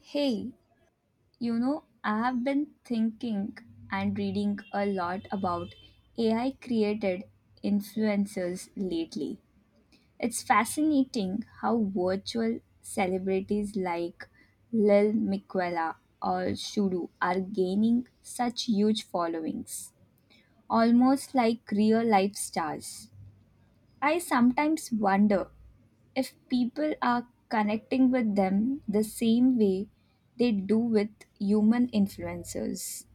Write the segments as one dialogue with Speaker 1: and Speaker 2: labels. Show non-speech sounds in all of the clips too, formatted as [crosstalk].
Speaker 1: Hey, you know, I have been thinking and reading a lot about AI created influencers lately. It's fascinating how virtual celebrities like Lil Miquela or Shudu are gaining such huge followings, almost like real life stars. I sometimes wonder if people are connecting with them the same way they do with human influencers.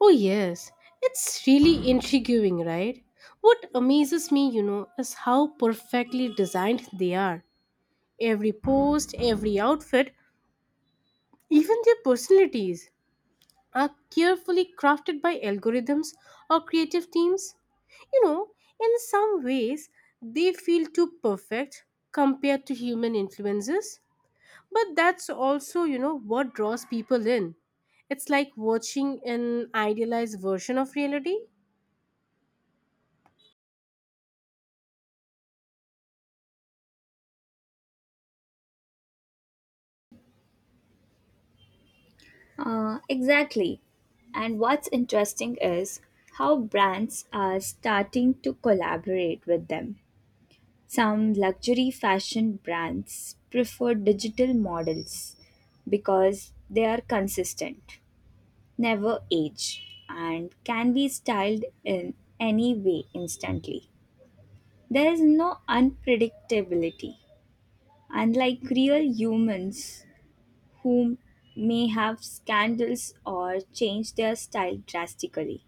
Speaker 2: Oh, yes, it's really intriguing, right? What amazes me, you know, is how perfectly designed they are. Every post, every outfit, even their personalities are carefully crafted by algorithms or creative teams. You know, in some ways, they feel too perfect compared to human influences. But that's also, you know, what draws people in. It's like watching an idealized version of reality.
Speaker 1: Exactly. And what's interesting is how brands are starting to collaborate with them. Some luxury fashion brands prefer digital models because they are consistent, never age, and can be styled in any way instantly. There is no unpredictability, unlike real humans who may have scandals or change their style drastically.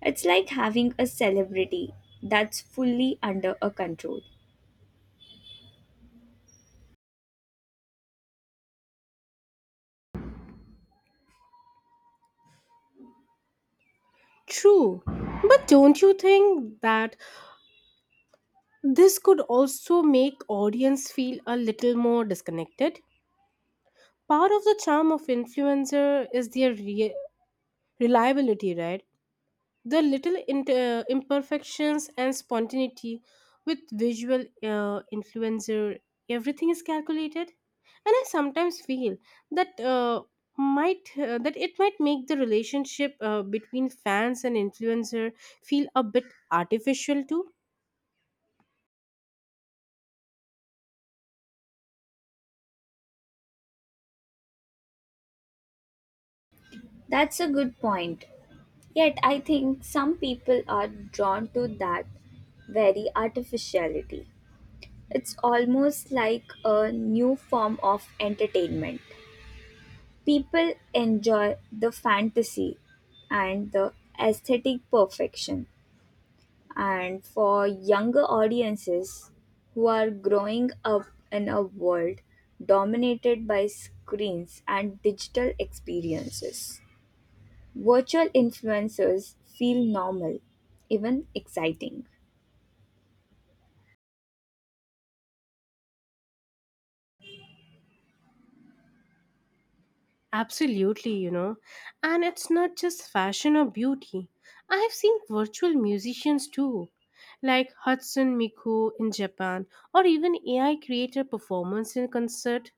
Speaker 1: It's like having a celebrity that's fully under a control.
Speaker 2: True, but don't you think that this could also make audience feel a little more disconnected? Part of the charm of influencer is their reliability, right? The little imperfections and spontaneity with visual influencer, everything is calculated, and I sometimes feel that might that it might make the relationship between fans and influencer feel a bit artificial too.
Speaker 1: That's a good point. Yet I think some people are drawn to that very artificiality. It's almost like a new form of entertainment. People enjoy the fantasy and the aesthetic perfection. And for younger audiences who are growing up in a world dominated by screens and digital experiences, virtual influencers feel normal, even exciting.
Speaker 2: Absolutely, you know. And it's not just fashion or beauty. I have seen virtual musicians too, like Hudson Miku in Japan, or even AI creator performance in concert.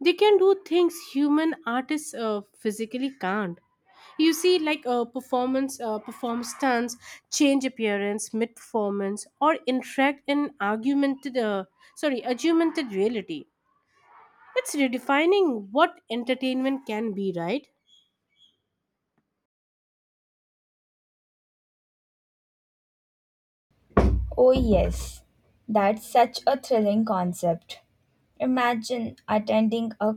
Speaker 2: They can do things human artists physically can't. You see, like a performance, perform stunts, change appearance mid performance, or interact in augmented reality. It's redefining what entertainment can be, right?
Speaker 1: Oh, yes, that's such a thrilling concept. Imagine attending a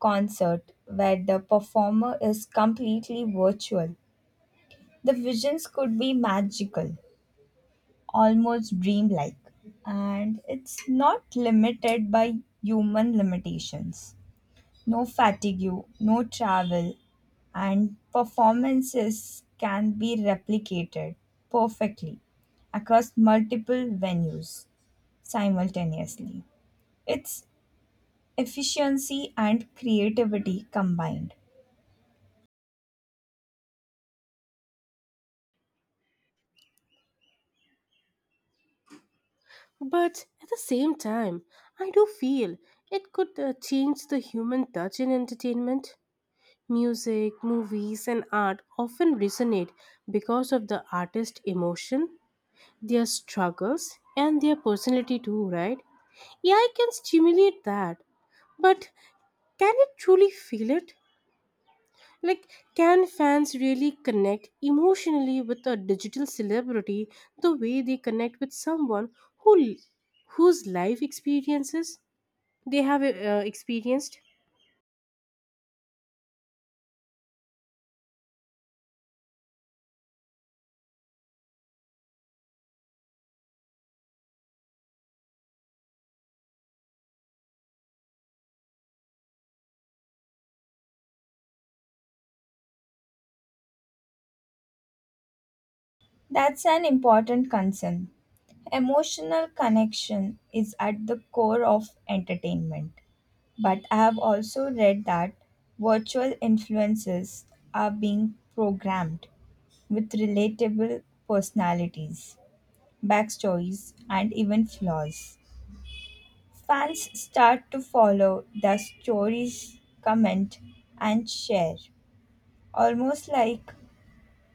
Speaker 1: concert where the performer is completely virtual. The visions could be magical, almost dreamlike, and it's not limited by human limitations. No fatigue, no travel, and performances can be replicated perfectly across multiple venues simultaneously. It's efficiency and creativity combined.
Speaker 2: But at the same time, I do feel it could change the human touch in entertainment. Music, movies, and art often resonate because of the artist's emotion, their struggles, and their personality, too, right? Yeah, I can stimulate that. But can it truly feel it? Like, can fans really connect emotionally with a digital celebrity the way they connect with someone who, whose life experiences they have experienced?
Speaker 1: That's an important concern. Emotional connection is at the core of entertainment. But I have also read that virtual influences are being programmed with relatable personalities, backstories, and even flaws. Fans start to follow their stories, comment, and share, almost like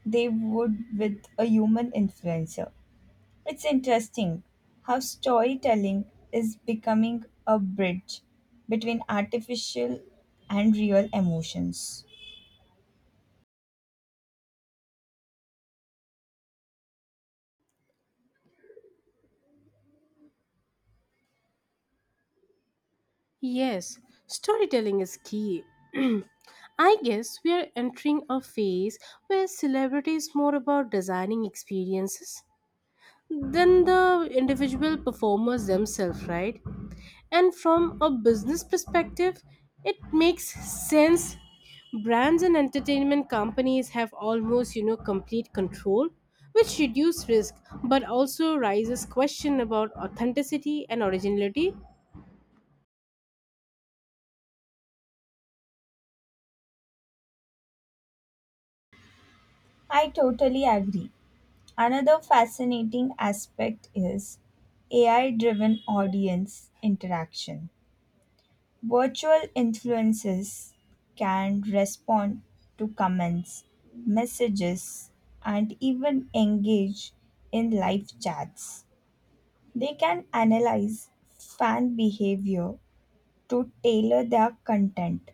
Speaker 1: they would with a human influencer. It's interesting how storytelling is becoming a bridge between artificial and real emotions.
Speaker 2: Yes, storytelling is key. [clears throat] I guess we are entering a phase where celebrity is more about designing experiences than the individual performers themselves, right? And from a business perspective, it makes sense. Brands and entertainment companies have almost, you know, complete control, which reduce risk but also raises question about authenticity and originality.
Speaker 1: I totally agree. Another fascinating aspect is AI driven audience interaction. Virtual influencers can respond to comments, messages, and even engage in live chats. They can analyze fan behavior to tailor their content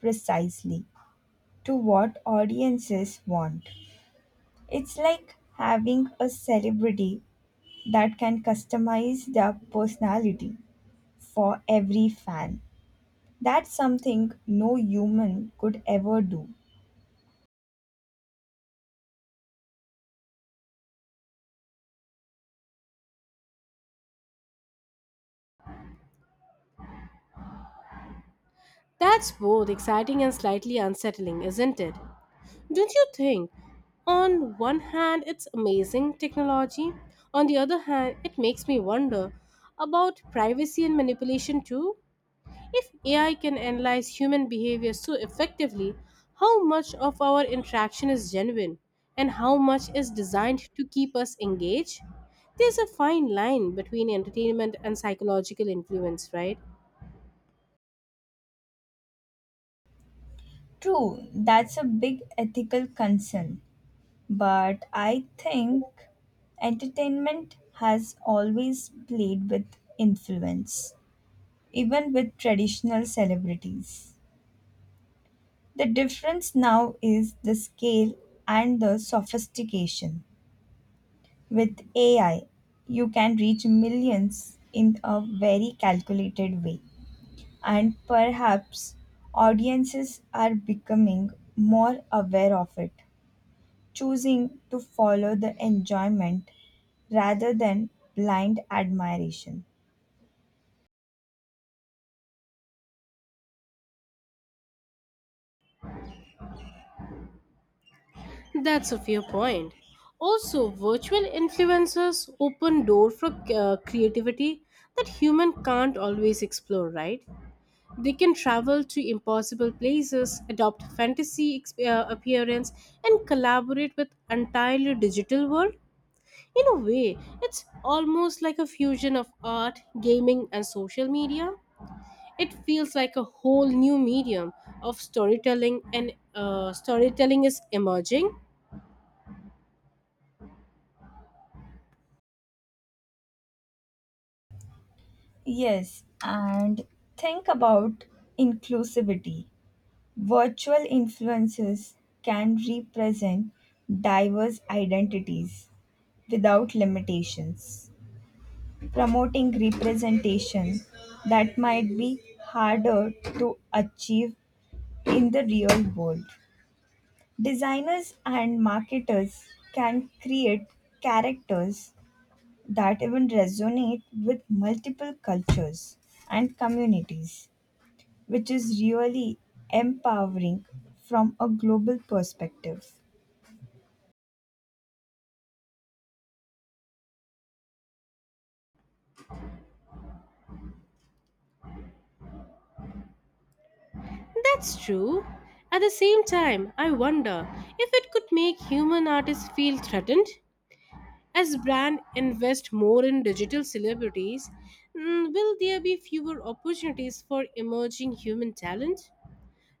Speaker 1: precisely to what audiences want. It's like having a celebrity that can customize their personality for every fan. That's something no human could ever do.
Speaker 2: That's both exciting and slightly unsettling, isn't it? Don't you think? On one hand, it's amazing technology. On the other hand, it makes me wonder about privacy and manipulation too. If AI can analyze human behavior so effectively, how much of our interaction is genuine and how much is designed to keep us engaged? There's a fine line between entertainment and psychological influence, right?
Speaker 1: True, that's a big ethical concern, but I think entertainment has always played with influence, even with traditional celebrities. The difference now is the scale and the sophistication. With AI, you can reach millions in a very calculated way, and perhaps audiences are becoming more aware of it, choosing to follow the enjoyment rather than blind admiration.
Speaker 2: That's a fair point. Also, virtual influencers open door for creativity that human can't always explore, right? They can travel to impossible places, adopt fantasy appearance, and collaborate with entirely digital world. In a way, it's almost like a fusion of art, gaming, and social media. It feels like a whole new medium of storytelling, and storytelling is emerging.
Speaker 1: Yes, and think about inclusivity. Virtual influences can represent diverse identities without limitations, promoting representation that might be harder to achieve in the real world. Designers and marketers can create characters that even resonate with multiple cultures and communities, which is really empowering from a global perspective.
Speaker 2: That's true. At the same time, I wonder if it could make human artists feel threatened. As brands invest more in digital celebrities, will there be fewer opportunities for emerging human talent?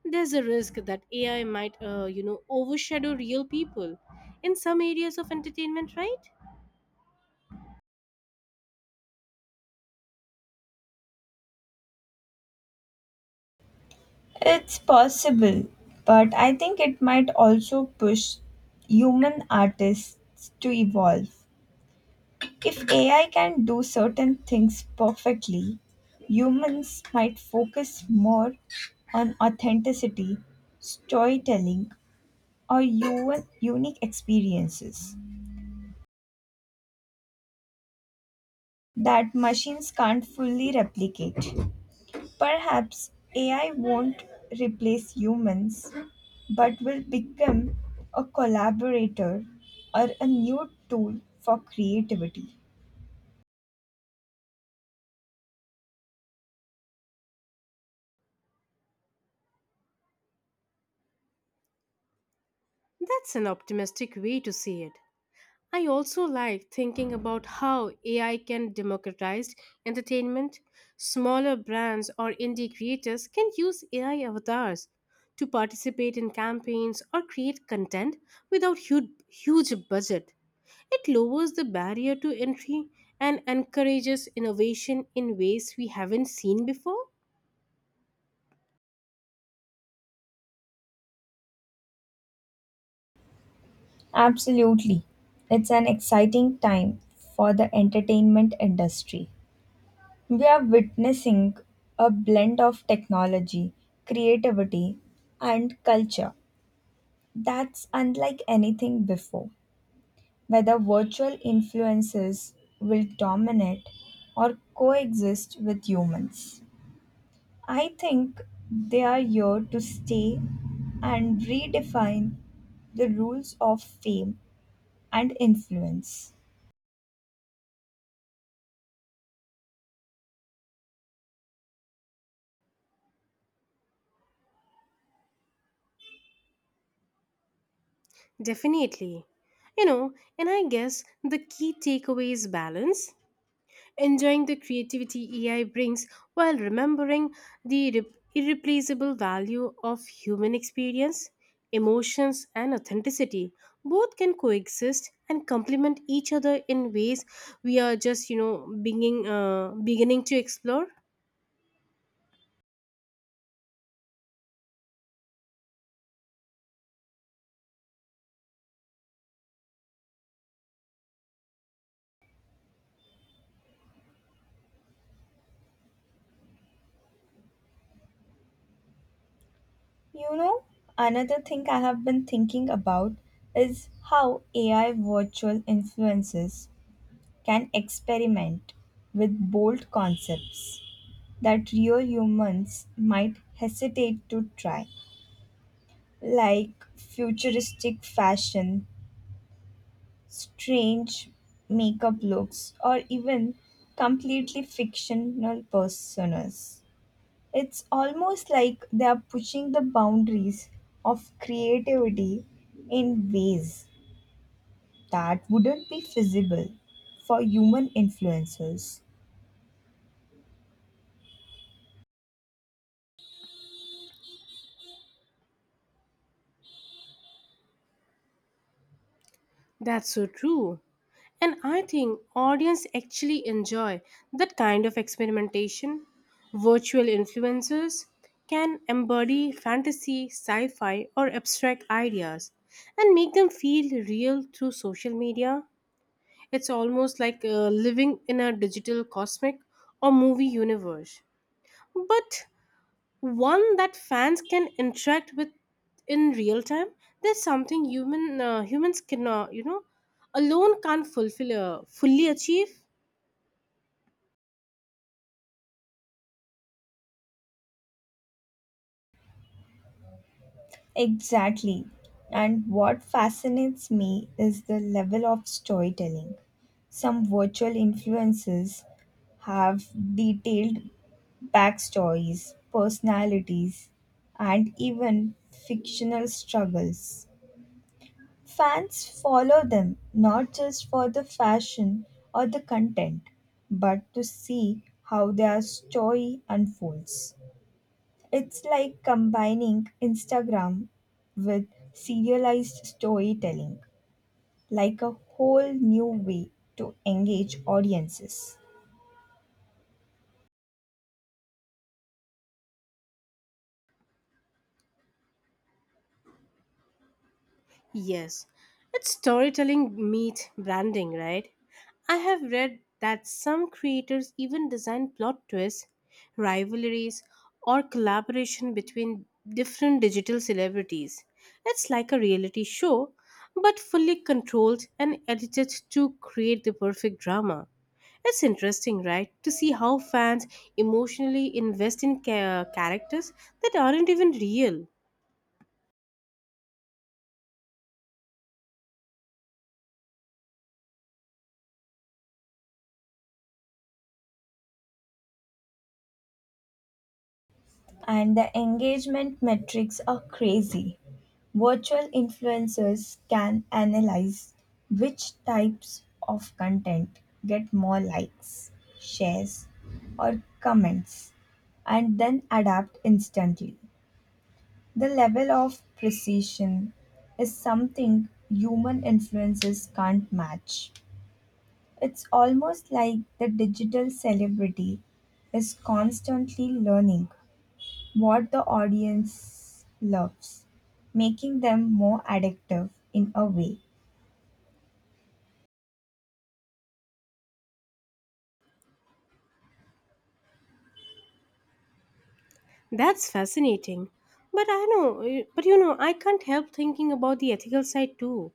Speaker 2: There's a risk that AI might, you know, overshadow real people in some areas of entertainment, right?
Speaker 1: It's possible, but I think it might also push human artists to evolve. If AI can do certain things perfectly, humans might focus more on authenticity, storytelling, or even unique experiences that machines can't fully replicate. Perhaps AI won't replace humans, but will become a collaborator or a new tool for creativity.
Speaker 2: That's an optimistic way to see it. I also like thinking about how AI can democratize entertainment. Smaller brands or indie creators can use AI avatars to participate in campaigns or create content without huge budget. It lowers the barrier to entry and encourages innovation in ways we haven't seen before.
Speaker 1: Absolutely. It's an exciting time for the entertainment industry. We are witnessing a blend of technology, creativity, and culture that's unlike anything before. Whether virtual influences will dominate or coexist with humans, I think they are here to stay and redefine the rules of fame and influence.
Speaker 2: Definitely. You know, and I guess the key takeaway is balance. Enjoying the creativity AI brings while remembering the irreplaceable value of human experience, emotions, and authenticity. Both can coexist and complement each other in ways we are just, you know, beginning to explore.
Speaker 1: You know, another thing I have been thinking about is how AI virtual influencers can experiment with bold concepts that real humans might hesitate to try, like futuristic fashion, strange makeup looks, or even completely fictional personas. It's almost like they are pushing the boundaries of creativity in ways that wouldn't be feasible for human influencers.
Speaker 2: That's so true. And I think audience actually enjoy that kind of experimentation. Virtual influencers can embody fantasy, sci-fi or abstract ideas and make them feel real through social media. It's almost like living in a digital cosmic or movie universe. But one that fans can interact with in real time. There's something humans cannot, you know, alone can't fulfill fully achieve.
Speaker 1: Exactly. And what fascinates me is the level of storytelling. Some virtual influences have detailed backstories, personalities, and even fictional struggles. Fans follow them not just for the fashion or the content, but to see how their story unfolds. It's like combining Instagram with serialized storytelling, like a whole new way to engage audiences.
Speaker 2: Yes, it's storytelling meet branding, right? I have read that some creators even design plot twists, rivalries, or collaboration between different digital celebrities. It's like a reality show, but fully controlled and edited to create the perfect drama. It's interesting, right, to see how fans emotionally invest in characters that aren't even real.
Speaker 1: And the engagement metrics are crazy. Virtual influencers can analyze which types of content get more likes, shares, or comments, and then adapt instantly. The level of precision is something human influencers can't match. It's almost like the digital celebrity is constantly learning what the audience loves, making them more addictive in a way.
Speaker 2: That's fascinating. But you know, I can't help thinking about the ethical side too.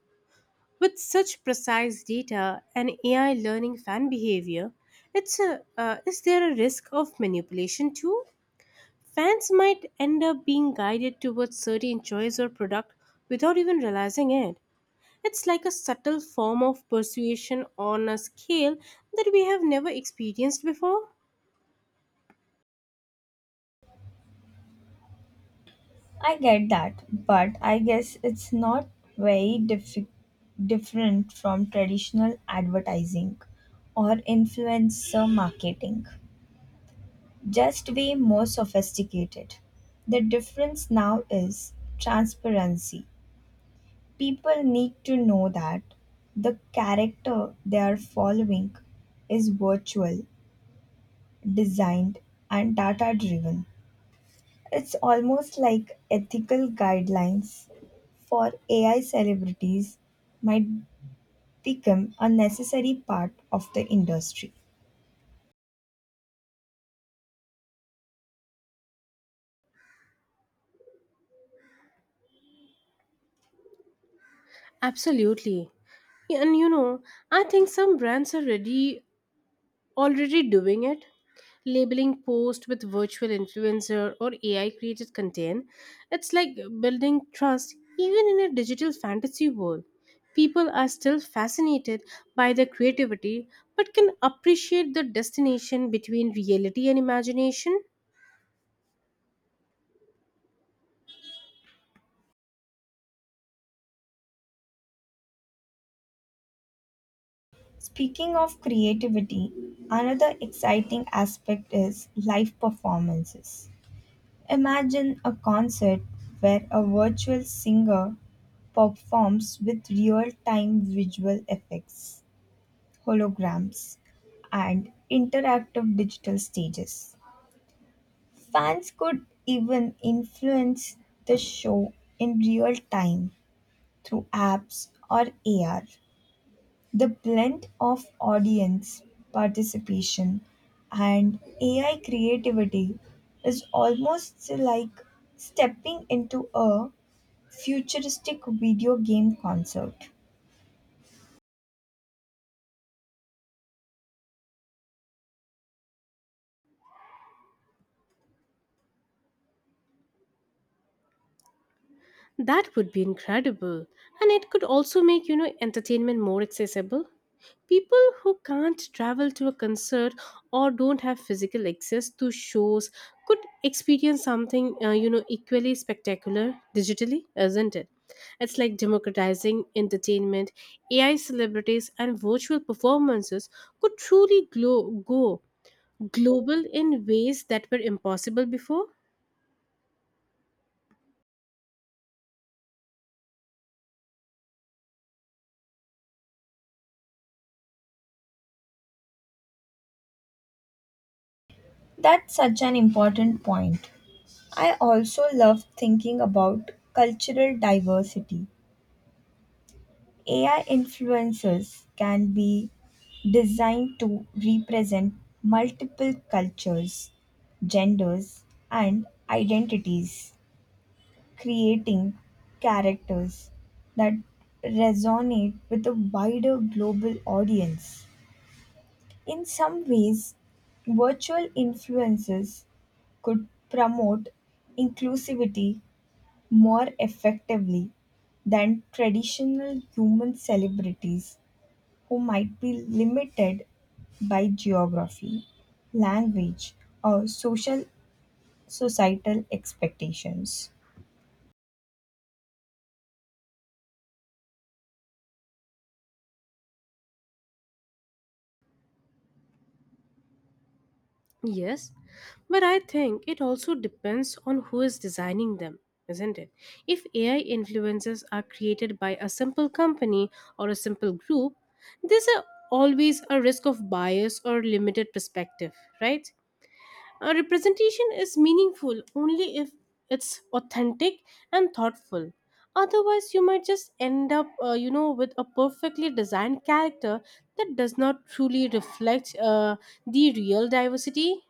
Speaker 2: With such precise data and AI learning fan behavior, is there a risk of manipulation too? Fans might end up being guided towards certain choice or product without even realizing it. It's like a subtle form of persuasion on a scale that we have never experienced before.
Speaker 1: I get that, but I guess it's not very diffi- different from traditional advertising or influencer marketing, just way more sophisticated. The difference now is transparency. People need to know that the character they are following is virtual designed, and data driven. It's almost like ethical guidelines for AI celebrities might become a necessary part of the industry.
Speaker 2: Absolutely. Yeah, and you know, I think some brands are ready already doing it, labeling post with virtual influencer or ai created content. It's like building trust. Even in a digital fantasy world, people are still fascinated by the creativity but can appreciate the destination between reality and imagination.
Speaker 1: Speaking of creativity, another exciting aspect is live performances. Imagine a concert where a virtual singer performs with real time visual effects, holograms, and interactive digital stages. Fans could even influence the show in real time through apps or AR. The blend of audience participation and AI creativity is almost like stepping into a futuristic video game concert.
Speaker 2: That would be incredible, and it could also make, you know, entertainment more accessible. People who can't travel to a concert or don't have physical access to shows could experience something, you know, equally spectacular digitally, isn't it? It's like democratizing entertainment. AI celebrities and virtual performances could truly go global in ways that were impossible before.
Speaker 1: That's such an important point. I also love thinking about cultural diversity. AI influencers can be designed to represent multiple cultures, genders, and identities, creating characters that resonate with a wider global audience. In some ways, virtual influencers could promote inclusivity more effectively than traditional human celebrities who might be limited by geography, language, or social societal expectations.
Speaker 2: Yes, but I think it also depends on who is designing them, isn't it? If AI influences are created by a simple company or a simple group, there's a, always a risk of bias or limited perspective, right? A representation is meaningful only if it's authentic and thoughtful. Otherwise, you might just end up, you know, with a perfectly designed character that does not truly reflect the real diversity.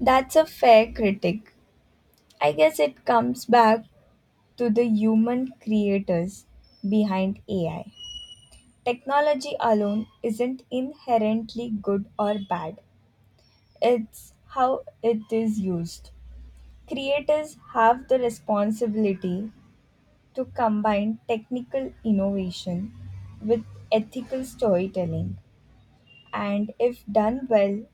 Speaker 1: That's a fair critic. I guess it comes back to the human creators behind AI. Technology alone isn't inherently good or bad, it's how it is used. Creators have the responsibility to combine technical innovation with ethical storytelling, and if done well,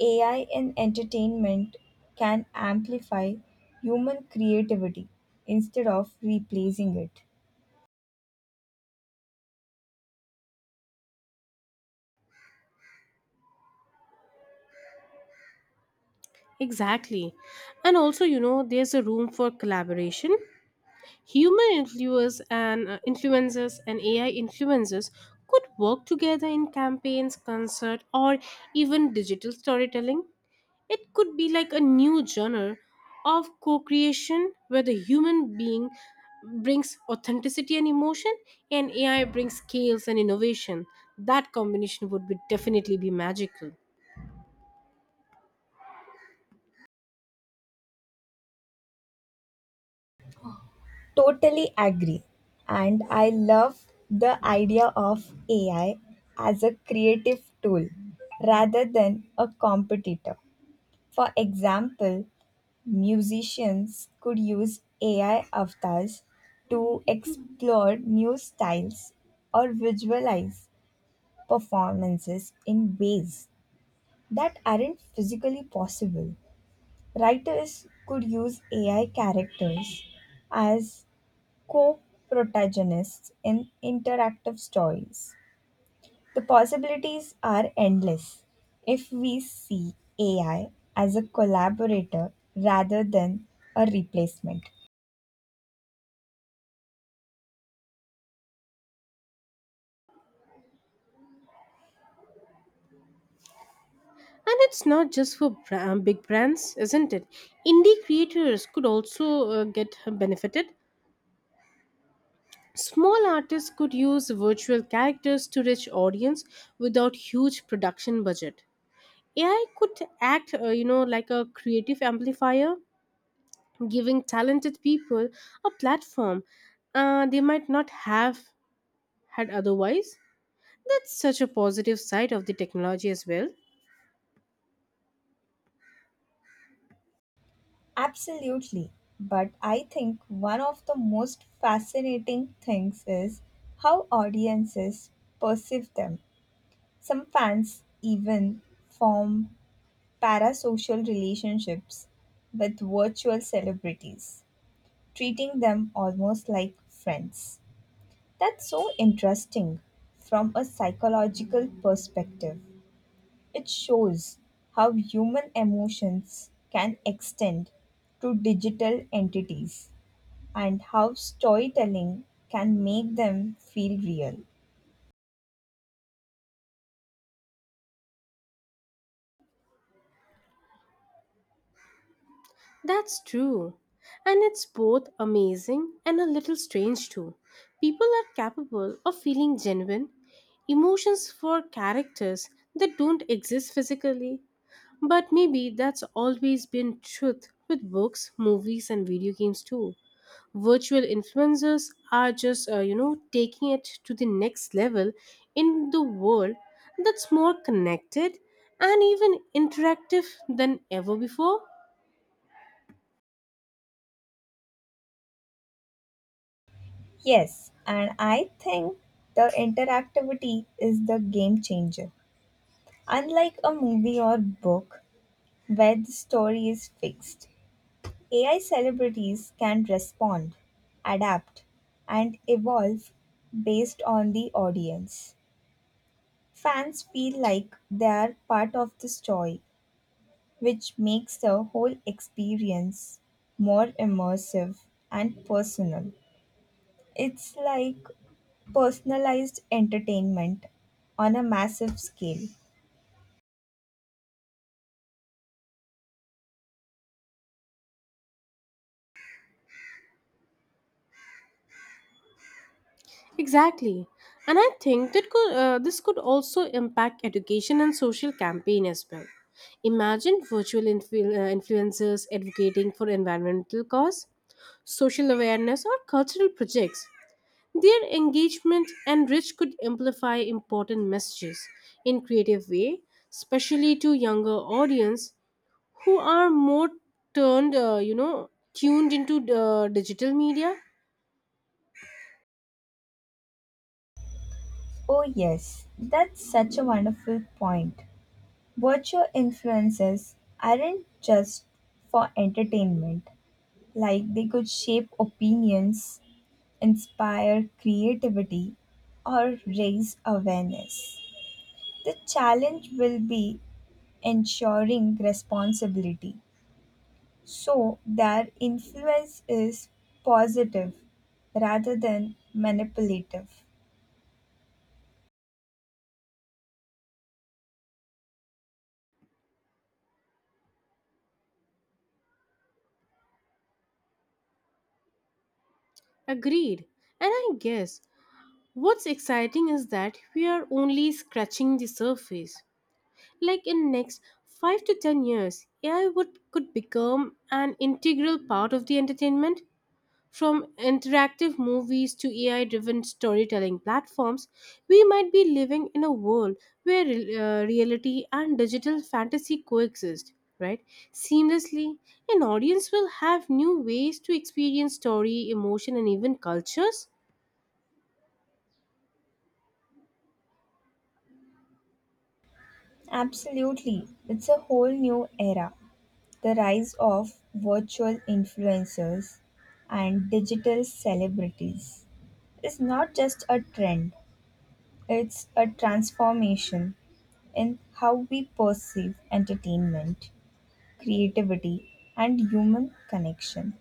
Speaker 1: AI in entertainment can amplify human creativity instead of replacing it.
Speaker 2: Exactly. And also, you know, there's a room for collaboration. Human influencers and influencers and AI influencers could work together in campaigns, concert, or even digital storytelling. It could be like a new genre of co-creation where the human being brings authenticity and emotion and AI brings scales and innovation. That combination would be definitely be magical.
Speaker 1: Totally agree. And I love the idea of AI as a creative tool rather than a competitor. For example, musicians could use AI avatars to explore new styles or visualize performances in ways that aren't physically possible. Writers could use AI characters as co protagonists in interactive stories. The possibilities are endless if we see AI as a collaborator rather than a replacement.
Speaker 2: And it's not just for big brands, isn't it? Indie creators could also get benefited. Small artists could use virtual characters to reach audience without huge production budget. AI could act, you know, like a creative amplifier, giving talented people a platform they might not have had otherwise. That's such a positive side of the technology as well.
Speaker 1: Absolutely. But I think one of the most fascinating things is how audiences perceive them. Some fans even form parasocial relationships with virtual celebrities, treating them almost like friends. That's so interesting from a psychological perspective. It shows how human emotions can extend to digital entities and how storytelling can make them feel real.
Speaker 2: That's true. And it's both amazing and a little strange too. People are capable of feeling genuine emotions for characters that don't exist physically. But maybe that's always been truth with books, movies, and video games too. Virtual influencers are just, you know, taking it to the next level in the world that's more connected and even interactive than ever before.
Speaker 1: Yes, and I think the interactivity is the game changer. Unlike a movie or book where the story is fixed, AI celebrities can respond, adapt, and evolve based on the audience. Fans feel like they are part of this story, which makes the whole experience more immersive and personal. It's like personalized entertainment on a massive scale.
Speaker 2: Exactly. And I think this could also impact education and social campaign as well. Imagine influencers advocating for environmental cause, social awareness or cultural projects. Their engagement and reach could amplify important messages in creative way, especially to younger audience who are more you know, tuned into digital media.
Speaker 1: Oh, yes, that's such a wonderful point. Virtual influences aren't just for entertainment. Like, they could shape opinions, inspire creativity, or raise awareness. The challenge will be ensuring responsibility so their influence is positive rather than manipulative.
Speaker 2: Agreed. And I guess what's exciting is that we are only scratching the surface. Like in next 5 to 10 years, AI would could become an integral part of the entertainment, from interactive movies to AI-driven storytelling platforms. We might be living in a world where reality and digital fantasy coexist, right? Seamlessly, an audience will have new ways to experience story, emotion and even cultures.
Speaker 1: Absolutely, it's a whole new era. The rise of virtual influencers and digital celebrities is not just a trend. It's a transformation in how we perceive entertainment, creativity, and human connection.